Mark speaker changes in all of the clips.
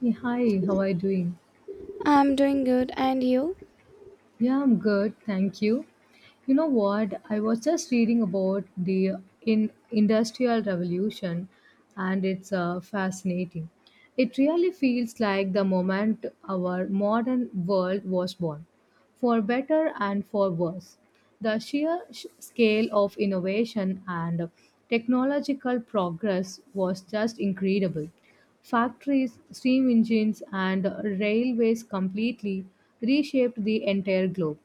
Speaker 1: Hey, hi, how are you doing?
Speaker 2: I'm doing good, and you?
Speaker 1: Yeah, I'm good, thank you. You know what? I was just reading about the in industrial revolution, and it's fascinating. It really feels like the moment our modern world was born for better and for worse. The sheer scale of innovation and technological progress was just incredible. Factories, steam engines, and railways completely reshaped the entire globe.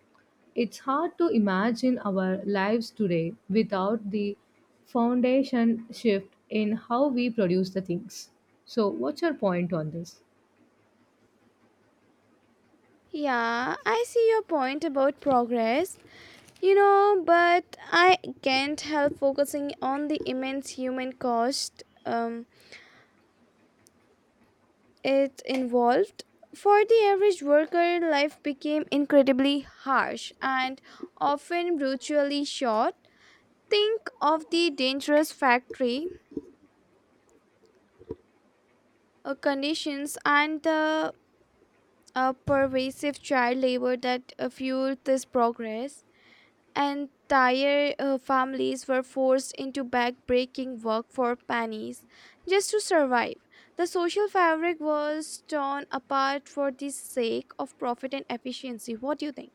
Speaker 1: It's hard to imagine our lives today without the foundation shift in how we produce the things. So, what's your point on this?
Speaker 2: Yeah, I see your point about progress, but I can't help focusing on the immense human cost it involved. For the average worker, life became incredibly harsh and often brutally short. Think of the dangerous factory conditions and the pervasive child labor that fueled this progress. Entire families were forced into back-breaking work for pennies just to survive. The social fabric was torn apart for the sake of profit and efficiency. What do you think?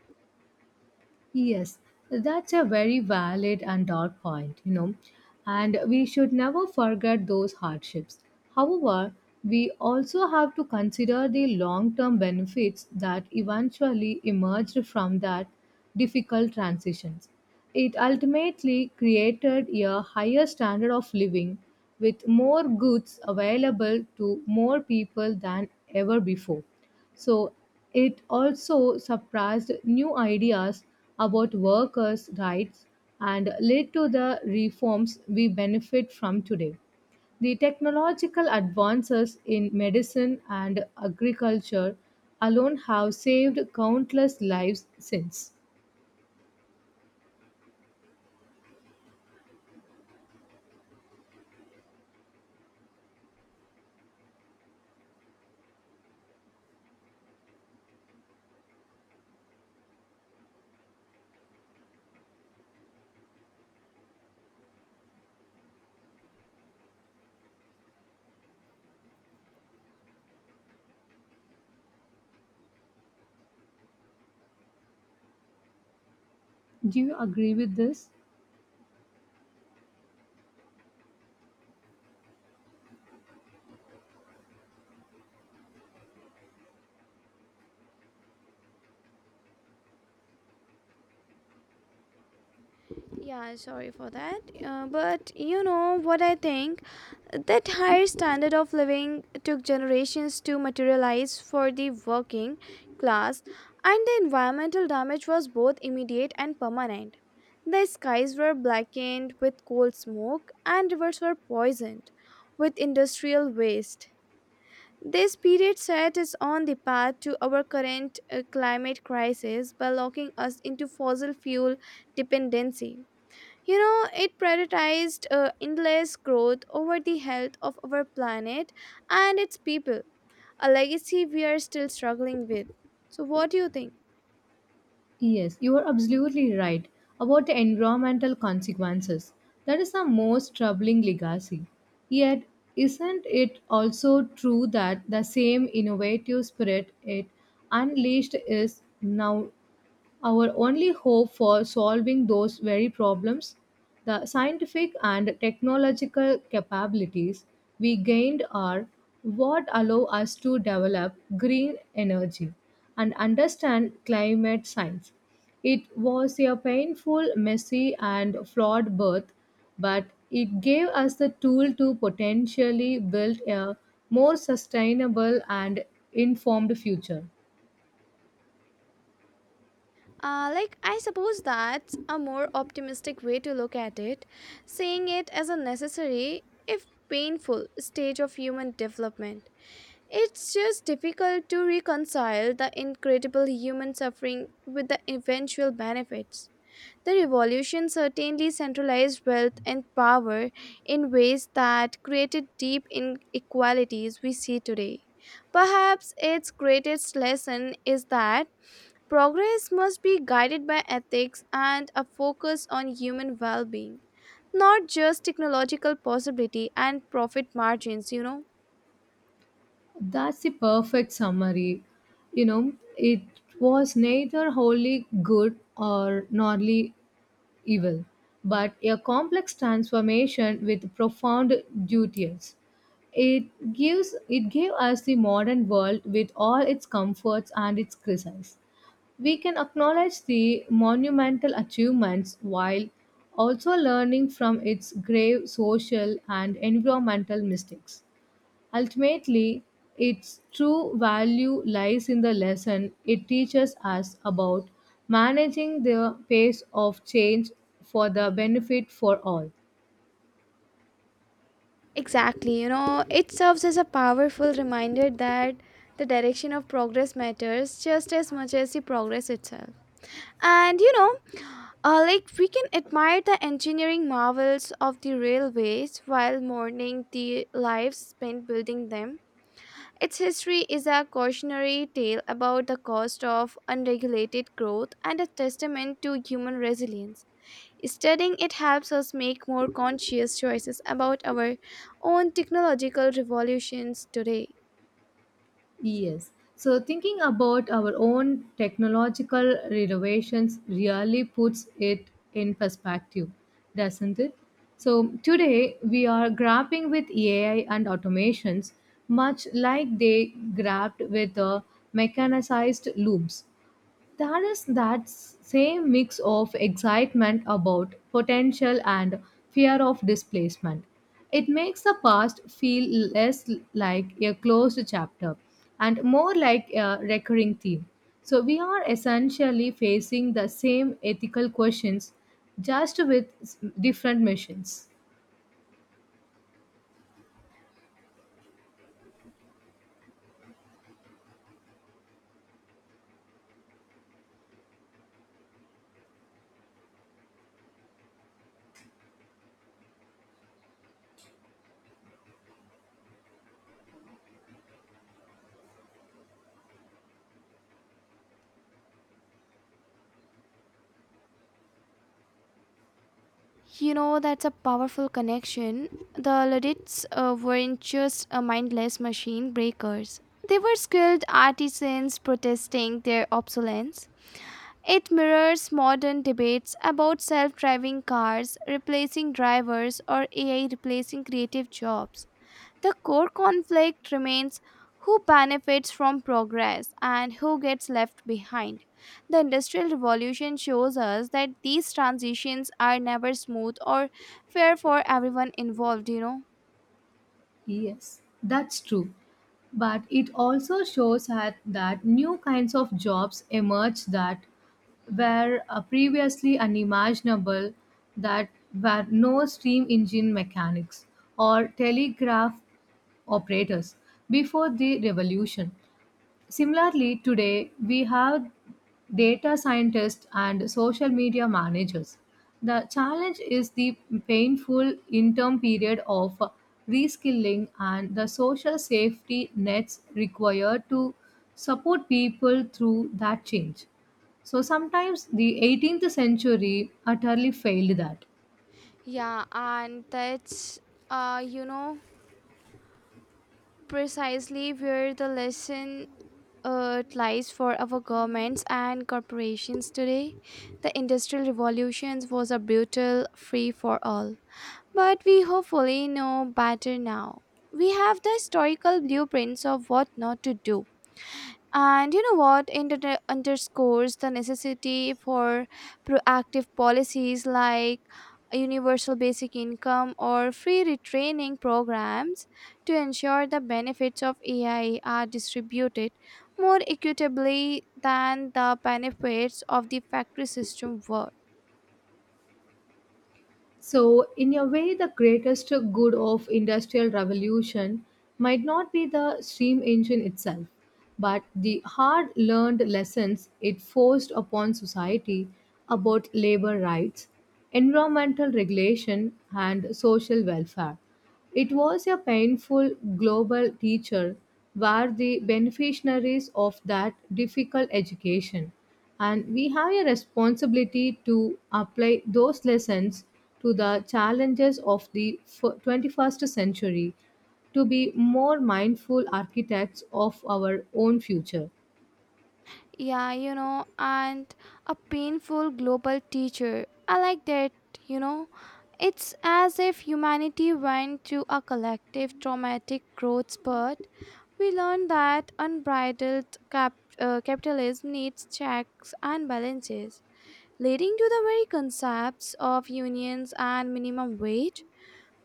Speaker 1: Yes, that's a very valid and dark point, you know, and we should never forget those hardships. However, we also have to consider the long term benefits that eventually emerged from that difficult transitions. It ultimately created a higher standard of living with more goods available to more people than ever before. So it also surprised new ideas about workers' rights and led to the reforms we benefit from today. The technological advances in medicine and agriculture alone have saved countless lives since. Do you agree with this?
Speaker 2: Yeah, sorry for that. But what I think? That higher standard of living took generations to materialize for the working class, and the environmental damage was both immediate and permanent. The skies were blackened with coal smoke, and rivers were poisoned with industrial waste. This period set us on the path to our current climate crisis by locking us into fossil fuel dependency. It prioritized endless growth over the health of our planet and its people, a legacy we are still struggling with. So, what do you think?
Speaker 1: Yes, you are absolutely right about the environmental consequences. That is the most troubling legacy. Yet, isn't it also true that the same innovative spirit it unleashed is now our only hope for solving those very problems, the scientific and technological capabilities we gained are what allow us to develop green energy and understand climate science. It was a painful, messy, and flawed birth, but it gave us the tool to potentially build a more sustainable and informed future.
Speaker 2: I suppose that's a more optimistic way to look at it, seeing it as a necessary, if painful, stage of human development. It's just difficult to reconcile the incredible human suffering with the eventual benefits. The revolution certainly centralized wealth and power in ways that created deep inequalities we see today. Perhaps its greatest lesson is that progress must be guided by ethics and a focus on human well being, not just technological possibility and profit margins, you know.
Speaker 1: That's the perfect summary. You know, it was neither wholly good or wholly evil, but a complex transformation with profound duties. It gave us the modern world with all its comforts and its crises. We can acknowledge the monumental achievements while also learning from its grave social and environmental mistakes. Ultimately, its true value lies in the lesson it teaches us about managing the pace of change for the benefit for all.
Speaker 2: Exactly, it serves as a powerful reminder that the direction of progress matters just as much as the progress itself. And we can admire the engineering marvels of the railways while mourning the lives spent building them. Its history is a cautionary tale about the cost of unregulated growth and a testament to human resilience. Studying it helps us make more conscious choices about our own technological revolutions today.
Speaker 1: Yes. So, thinking about our own technological renovations really puts it in perspective, doesn't it? So, today we are grappling with AI and automations much like they grapped with mechanized looms. There is that same mix of excitement about potential and fear of displacement. It makes the past feel less like a closed chapter and more like a recurring theme. So we are essentially facing the same ethical questions just with different missions.
Speaker 2: That's a powerful connection. The Luddites weren't just a mindless machine breakers, they were skilled artisans protesting their obsolescence. It mirrors modern debates about self driving cars replacing drivers or AI replacing creative jobs. The core conflict remains who benefits from progress and who gets left behind. The Industrial Revolution shows us that these transitions are never smooth or fair for everyone involved.
Speaker 1: Yes, that's true. But it also shows that new kinds of jobs emerge that were previously unimaginable, that were no steam engine mechanics or telegraph operators before the revolution. Similarly, today we have data scientists and social media managers. The challenge is the painful interim period of reskilling and the social safety nets required to support people through that change. So sometimes the 18th century utterly failed that.
Speaker 2: Yeah, and that's, uh, you know, precisely where the lesson lies for our governments and corporations today. The Industrial Revolutions was a brutal free for all. But we hopefully know better now. We have the historical blueprints of what not to do. And what underscores the necessity for proactive policies like universal basic income or free retraining programs to ensure the benefits of AI are distributed more equitably than the benefits of the factory system were.
Speaker 1: So, in a way, the greatest good of industrial revolution might not be the steam engine itself, but the hard-learned lessons it forced upon society about labor rights, environmental regulation, and social welfare. It was a painful global teacher were the beneficiaries of that difficult education and we have a responsibility to apply those lessons to the challenges of the 21st century to be more mindful architects of our own future.
Speaker 2: Yeah, and a painful global teacher. I like that, you know. It's as if humanity went through a collective traumatic growth spurt. We learned that unbridled capitalism needs checks and balances, leading to the very concepts of unions and minimum wage.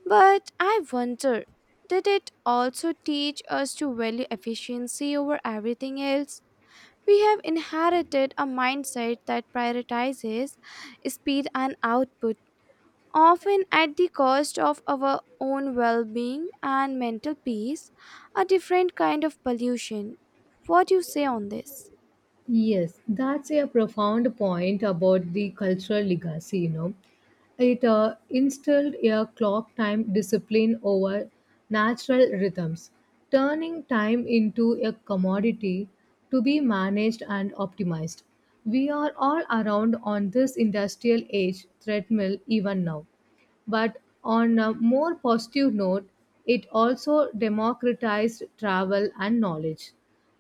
Speaker 2: But I wonder, did it also teach us to value efficiency over everything else? We have inherited a mindset that prioritizes speed and output, often at the cost of our own well being and mental peace, a different kind of pollution. What do you say on this?
Speaker 1: Yes, that's a profound point about the cultural legacy, you know. It instilled a clock time discipline over natural rhythms, turning time into a commodity to be managed and optimized. We are all around on this industrial age treadmill even now, but on a more positive note, it also democratized travel and knowledge.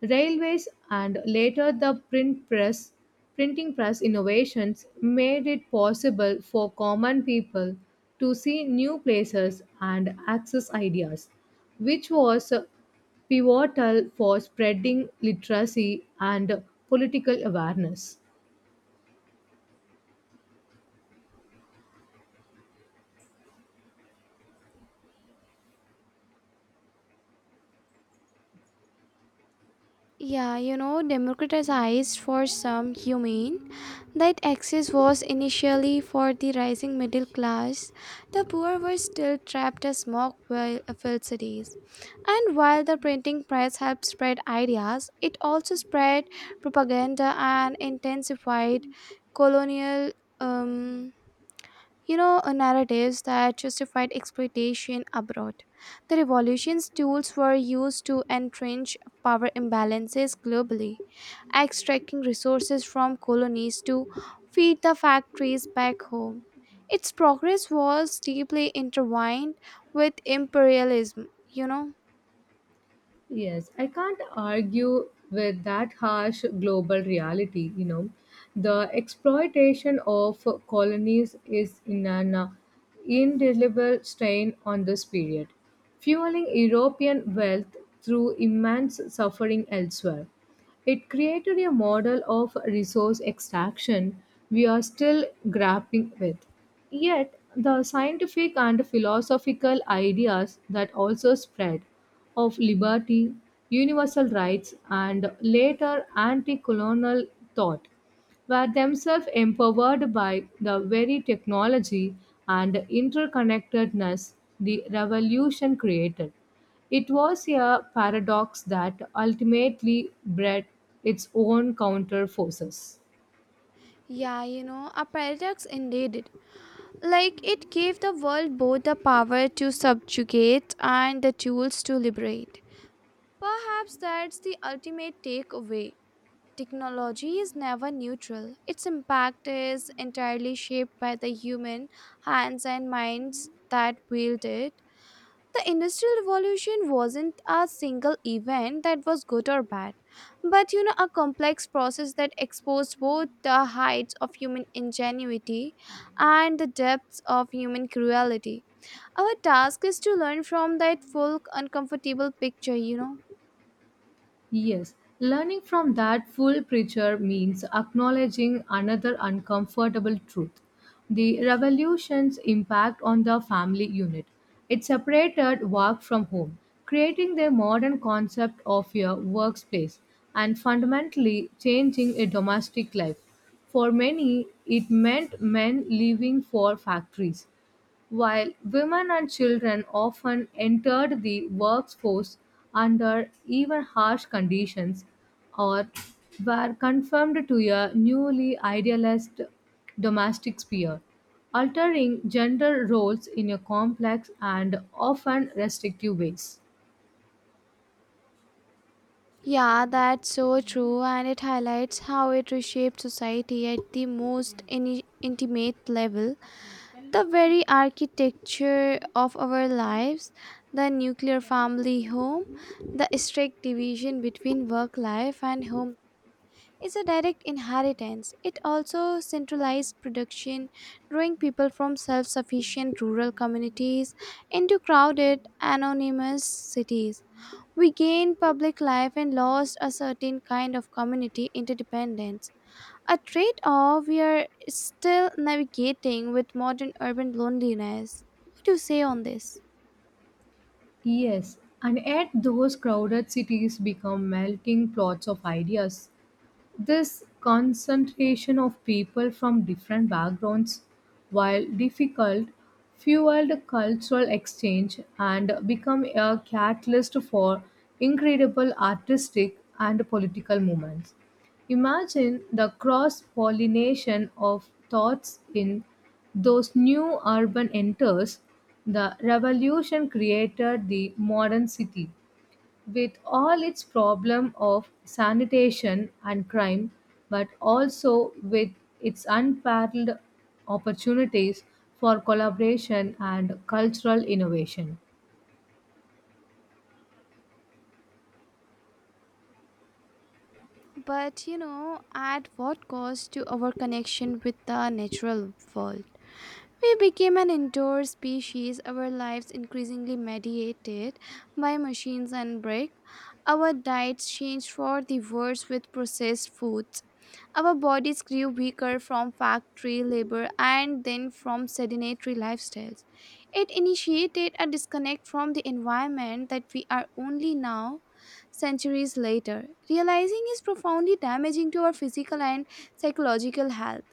Speaker 1: Railways and later printing press innovations made it possible for common people to see new places and access ideas, which was pivotal for spreading literacy and political awareness.
Speaker 2: Yeah, democratized for some humane. That access was initially for the rising middle class. The poor were still trapped as smog filled cities. And while the printing press helped spread ideas, it also spread propaganda and intensified colonial um, narratives that justified exploitation abroad. The revolution's tools were used to entrench power imbalances globally, extracting resources from colonies to feed the factories back home. Its progress was deeply intertwined with imperialism.
Speaker 1: Yes, I can't argue with that harsh global reality. You know, the exploitation of colonies is in an indelible stain on this period, fueling European wealth through immense suffering elsewhere. It created a model of resource extraction we are still grappling with. Yet, the scientific and philosophical ideas that also spread of liberty, universal rights, and later anti colonial thought were themselves empowered by the very technology and interconnectedness the revolution created. It was a paradox that ultimately bred its own counter-forces.
Speaker 2: Yeah, a paradox indeed. It gave the world both the power to subjugate and the tools to liberate. Perhaps that's the ultimate takeaway. Technology is never neutral. Its impact is entirely shaped by the human hands and minds that wield it. The Industrial Revolution wasn't a single event that was good or bad, but a complex process that exposed both the heights of human ingenuity and the depths of human cruelty. Our task is to learn from that full, uncomfortable picture.
Speaker 1: Yes, learning from that full preacher means acknowledging another uncomfortable truth the revolution's impact on the family unit. It separated work from home, creating the modern concept of a workspace and fundamentally changing a domestic life. For many, it meant men leaving for factories while women and children often entered the workforce under even harsh conditions, or were confined to a newly idealized domestic sphere, altering gender roles in a complex and often restrictive ways.
Speaker 2: Yeah, that's so true, and it highlights how it reshapes society at the most intimate level. The very architecture of our lives, the nuclear family home, the strict division between work life and home is a direct inheritance. It also centralized production, drawing people from self sufficient rural communities into crowded, anonymous cities. We gained public life and lost a certain kind of community interdependence, a trade off we are still navigating with modern urban loneliness. What do you say on this?
Speaker 1: Yes, and yet those crowded cities become melting plots of ideas. This concentration of people from different backgrounds, while difficult, fueled cultural exchange and become a catalyst for incredible artistic and political movements. Imagine the cross pollination of thoughts in those new urban enters. The revolution created the modern city with all its problem of sanitation and crime, but also with its unparalleled opportunities for collaboration and cultural innovation.
Speaker 2: But at what cost to our connection with the natural world? We became an indoor species, our lives increasingly mediated by machines and brick. Our diets changed for the worse with processed foods. Our bodies grew weaker from factory labor and then from sedentary lifestyles. It initiated a disconnect from the environment that we are only now, centuries later, realizing is profoundly damaging to our physical and psychological health.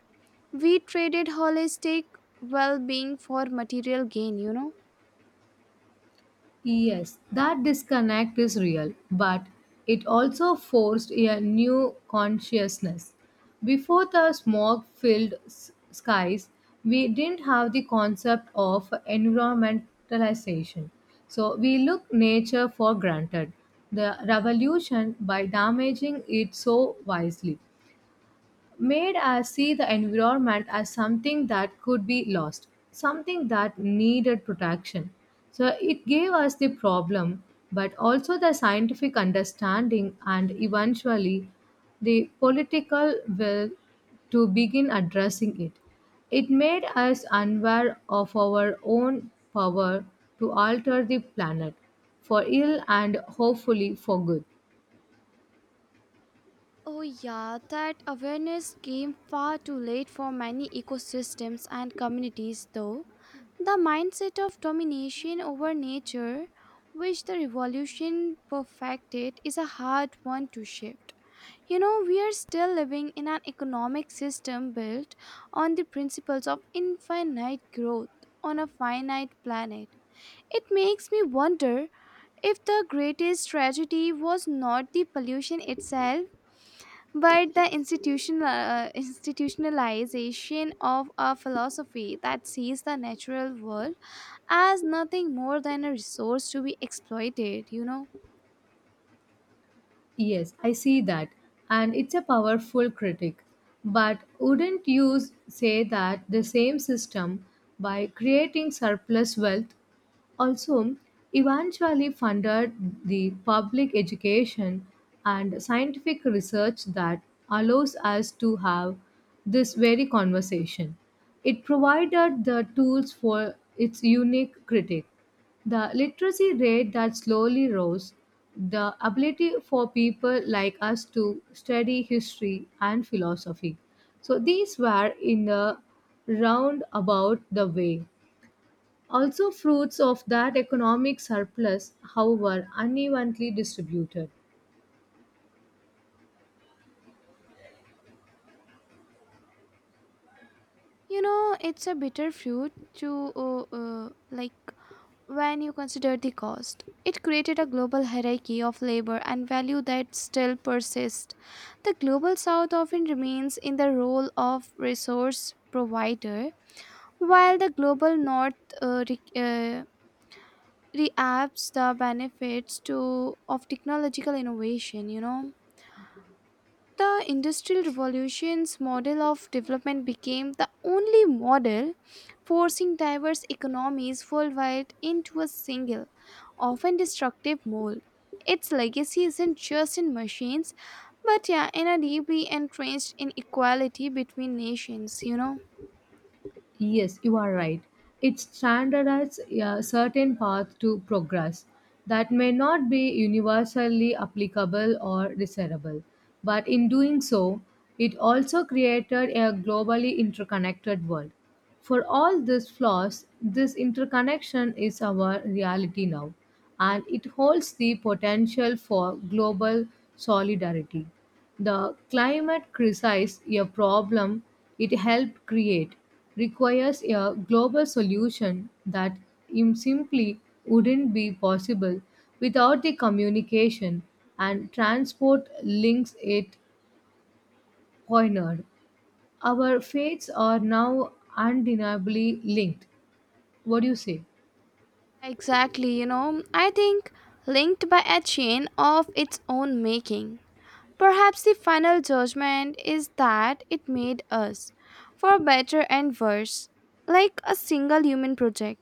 Speaker 2: We traded holistic well being for material gain.
Speaker 1: Yes, that disconnect is real, but it also forced a new consciousness. Before the smog filled skies, we didn't have the concept of environmentalization. So we look nature for granted. The revolution by damaging it so wisely made us see the environment as something that could be lost, something that needed protection. So it gave us the problem, but also the scientific understanding and eventually the political will to begin addressing it. It made us unaware of our own power to alter the planet for ill and hopefully for good.
Speaker 2: Oh, yeah, that awareness came far too late for many ecosystems and communities, though. The mindset of domination over nature, which the revolution perfected, is a hard one to shift. We are still living in an economic system built on the principles of infinite growth on a finite planet. It makes me wonder if the greatest tragedy was not the pollution itself, but the institutionalization of a philosophy that sees the natural world as nothing more than a resource to be exploited, you know?
Speaker 1: Yes, I see that. And it's a powerful critic. But wouldn't you say that the same system, by creating surplus wealth, also eventually funded the public education and scientific research that allows us to have this very conversation. It provided the tools for its unique critic. The literacy rate that slowly rose, the ability for people like us to study history and philosophy. So these were in a roundabout the way also, fruits of that economic surplus, however, unevenly distributed.
Speaker 2: It's a bitter fruit to when you consider the cost. It created a global hierarchy of labor and value that still persists. The global south often remains in the role of resource provider, while the global north uh, re- uh, reaps the benefits to of technological innovation, you know. The Industrial Revolution's model of development became the only model forcing diverse economies worldwide into a single, often destructive mold. Its legacy isn't just in machines, but yeah, in a deeply entrenched inequality between nations, you know.
Speaker 1: Yes, you are right. It standardizes a certain path to progress that may not be universally applicable or desirable. But in doing so, it also created a globally interconnected world. For all these flaws, this interconnection is our reality now, and it holds the potential for global solidarity. The climate crisis, a problem it helped create, requires a global solution that simply wouldn't be possible without the communication and transport links it pointed. Our fates are now undeniably linked. What do you say?
Speaker 2: Exactly, I think linked by a chain of its own making. Perhaps the final judgment is that it made us, for better and worse, like a single human project.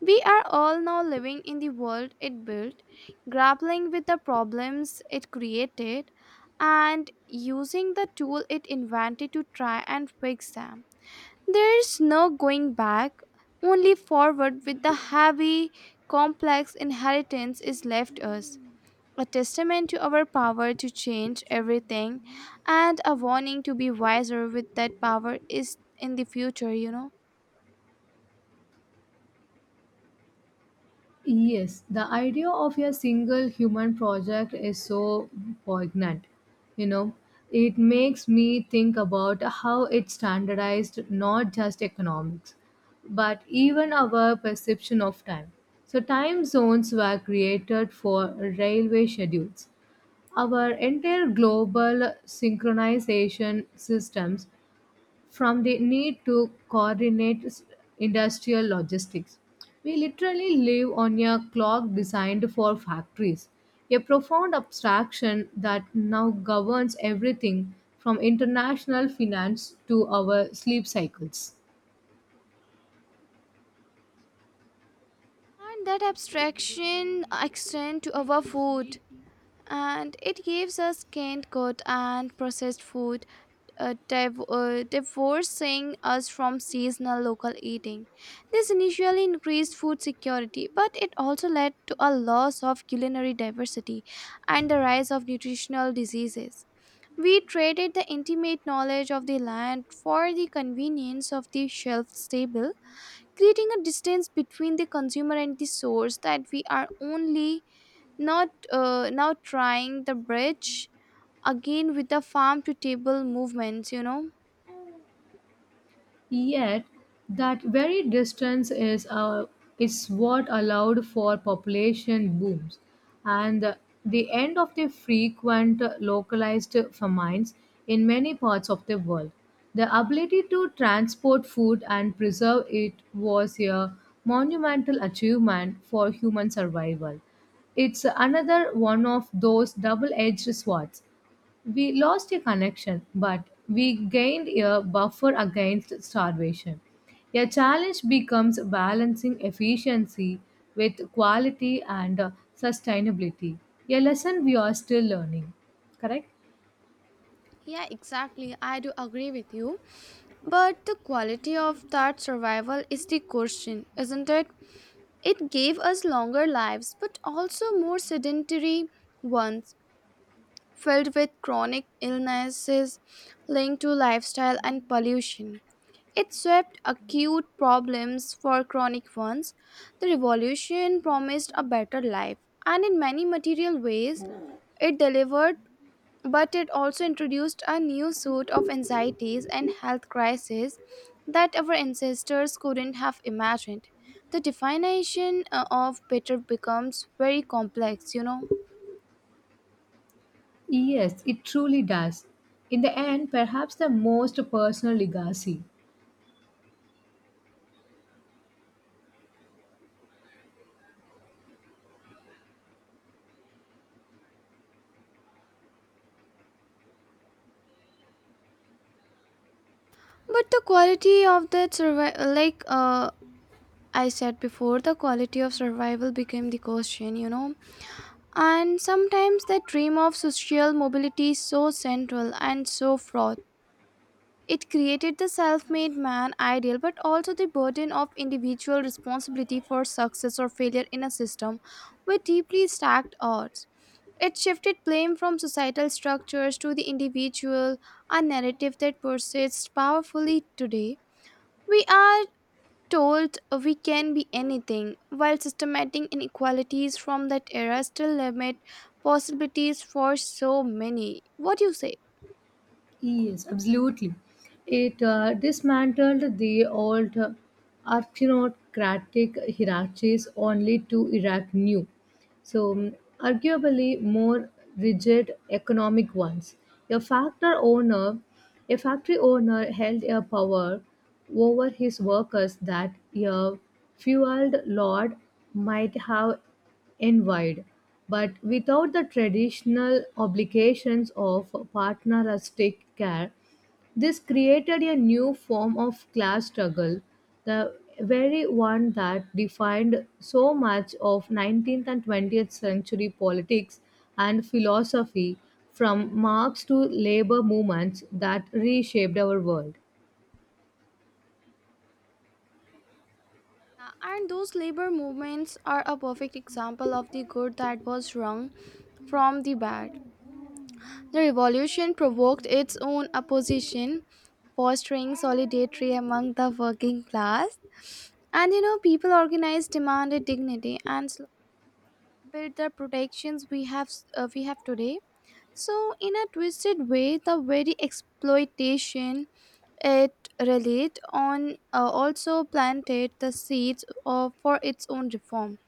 Speaker 2: We are all now living in the world it built, grappling with the problems it created, and using the tool it invented to try and fix them. There's no going back, only forward with the heavy, complex inheritance is left us. A testament to our power to change everything, and a warning to be wiser with that power is in the future, you know.
Speaker 1: Yes, the idea of a single human project is so poignant. You know, it makes me think about how it standardized not just economics, but even our perception of time. So, time zones were created for railway schedules. Our entire global synchronization systems from the need to coordinate industrial logistics. We literally live on a clock designed for factories, a profound abstraction that now governs everything from international finance to our sleep cycles.
Speaker 2: And that abstraction extend to our food, and it gives us canned good and processed food, divorcing us from seasonal local eating. This initially increased food security, but it also led to a loss of culinary diversity and the rise of nutritional diseases. We traded the intimate knowledge of the land for the convenience of the shelf stable, creating a distance between the consumer and the source that we are only not now trying the bridge again with the farm to table movements, you know.
Speaker 1: Yet, that very distance is what allowed for population booms and the end of the frequent localized famines in many parts of the world. The ability to transport food and preserve it was a monumental achievement for human survival. It's another one of those double edged swords we lost a connection, but we gained a buffer against starvation. A challenge becomes balancing efficiency with quality and sustainability, a lesson we are still learning. Correct?
Speaker 2: Yeah, exactly, I do agree with you, but the quality of that survival is the question, isn't it? It gave us longer lives but also more sedentary ones filled with chronic illnesses linked to lifestyle and pollution. It swept acute problems for chronic ones. The revolution promised a better life, and in many material ways, it delivered, but it also introduced a new suite of anxieties and health crises that our ancestors couldn't have imagined. The definition of better becomes very complex, you know.
Speaker 1: Yes, it truly does. In the end, perhaps the most personal legacy.
Speaker 2: But the quality of that survival, I said before, the quality of survival became the question, you know. And sometimes the dream of social mobility is so central and so fraught. It created the self made man ideal, but also the burden of individual responsibility for success or failure in a system with deeply stacked odds. It shifted blame from societal structures to the individual, a narrative that persists powerfully today. We are told we can be anything, while systematic inequalities from that era still limit possibilities for so many. What do you say?
Speaker 1: Yes, absolutely. It dismantled the old aristocratic hierarchies only to erect new. So, arguably more rigid economic ones. A factor owner, a factory owner held a power over his workers that a feudal lord might have envied, but without the traditional obligations of paternalistic care this created a new form of class struggle, the very one that defined so much of 19th and 20th century politics and philosophy, from Marx to labor movements that reshaped our world.
Speaker 2: Yeah, and those labor movements are a perfect example of the good that was wrong from the bad. The revolution provoked its own opposition, fostering solidarity among the working class. And people organized demanded dignity and built the protections we have today. So, in a twisted way, the very exploitation it relied on also planted the seeds of, for its own reform.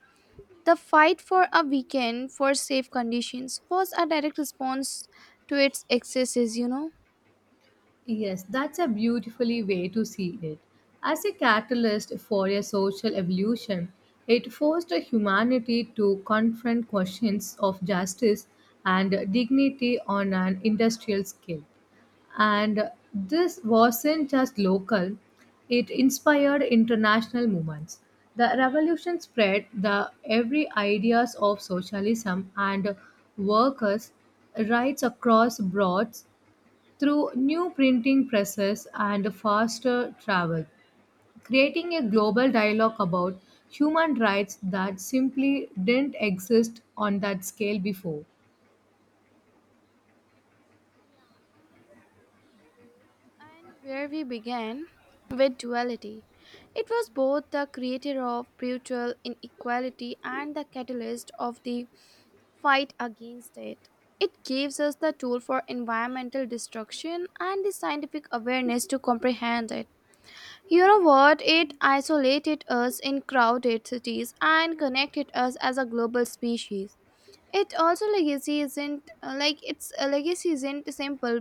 Speaker 2: The fight for a weekend for safe conditions was a direct response to its excesses, you know.
Speaker 1: Yes, that's a beautifully way to see it. As a catalyst for a social evolution, it forced humanity to confront questions of justice and dignity on an industrial scale. And this wasn't just local, it inspired international movements. The revolution spread the every ideas of socialism and workers' rights across broads through new printing presses and faster travel, creating a global dialogue about human rights that simply didn't exist on that scale before.
Speaker 2: Yeah, and so we and where we began with duality. It was both the creator of brutal inequality and the catalyst of the fight against it. It gives us the tool for environmental destruction and the scientific awareness to comprehend it. You know what? It isolated us in crowded cities and connected us as a global species. It also legacy isn't a simple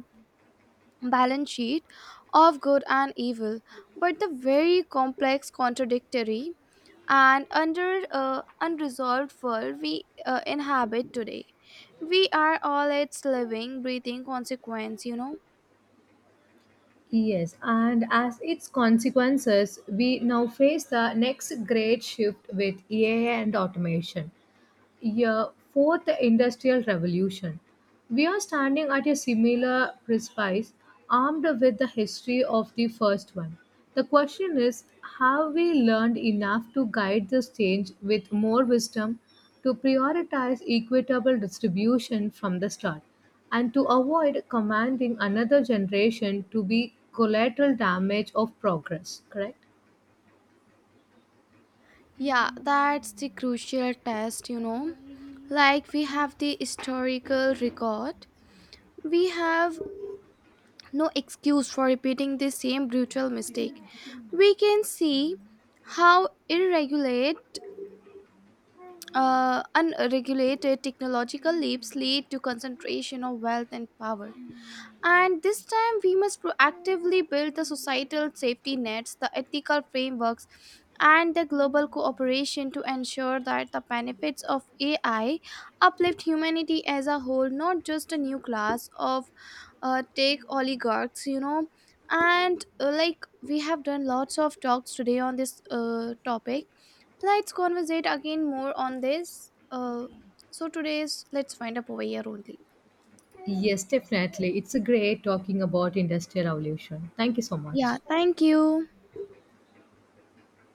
Speaker 2: balance sheet of good and evil, but the very complex, contradictory and under unresolved world we inhabit today. We are all its living breathing consequence, you know.
Speaker 1: Yes, and as its consequences, we now face the next great shift with AI and automation. Yeah, fourth industrial revolution. We are standing at a similar precipice, armed with the history of the first one. The question is, have we learned enough to guide this change with more wisdom, to prioritize equitable distribution from the start, and to avoid commanding another generation to be collateral damage of progress, correct?
Speaker 2: Yeah, that's the crucial test, you know. Like, we have the historical record, we have no excuse for repeating the same brutal mistake. We can see how irregulate unregulated technological leaps lead to concentration of wealth and power. And this time, we must proactively build the societal safety nets, the ethical frameworks, and the global cooperation to ensure that the benefits of AI uplift humanity as a whole, not just a new class of tech oligarchs, you know. And we have done lots of talks today on this topic, let's conversate again more on this. So today's let's find up over here only.
Speaker 1: Yes, definitely. It's a great talking about industrial revolution. Thank you so much.
Speaker 2: Yeah, thank you.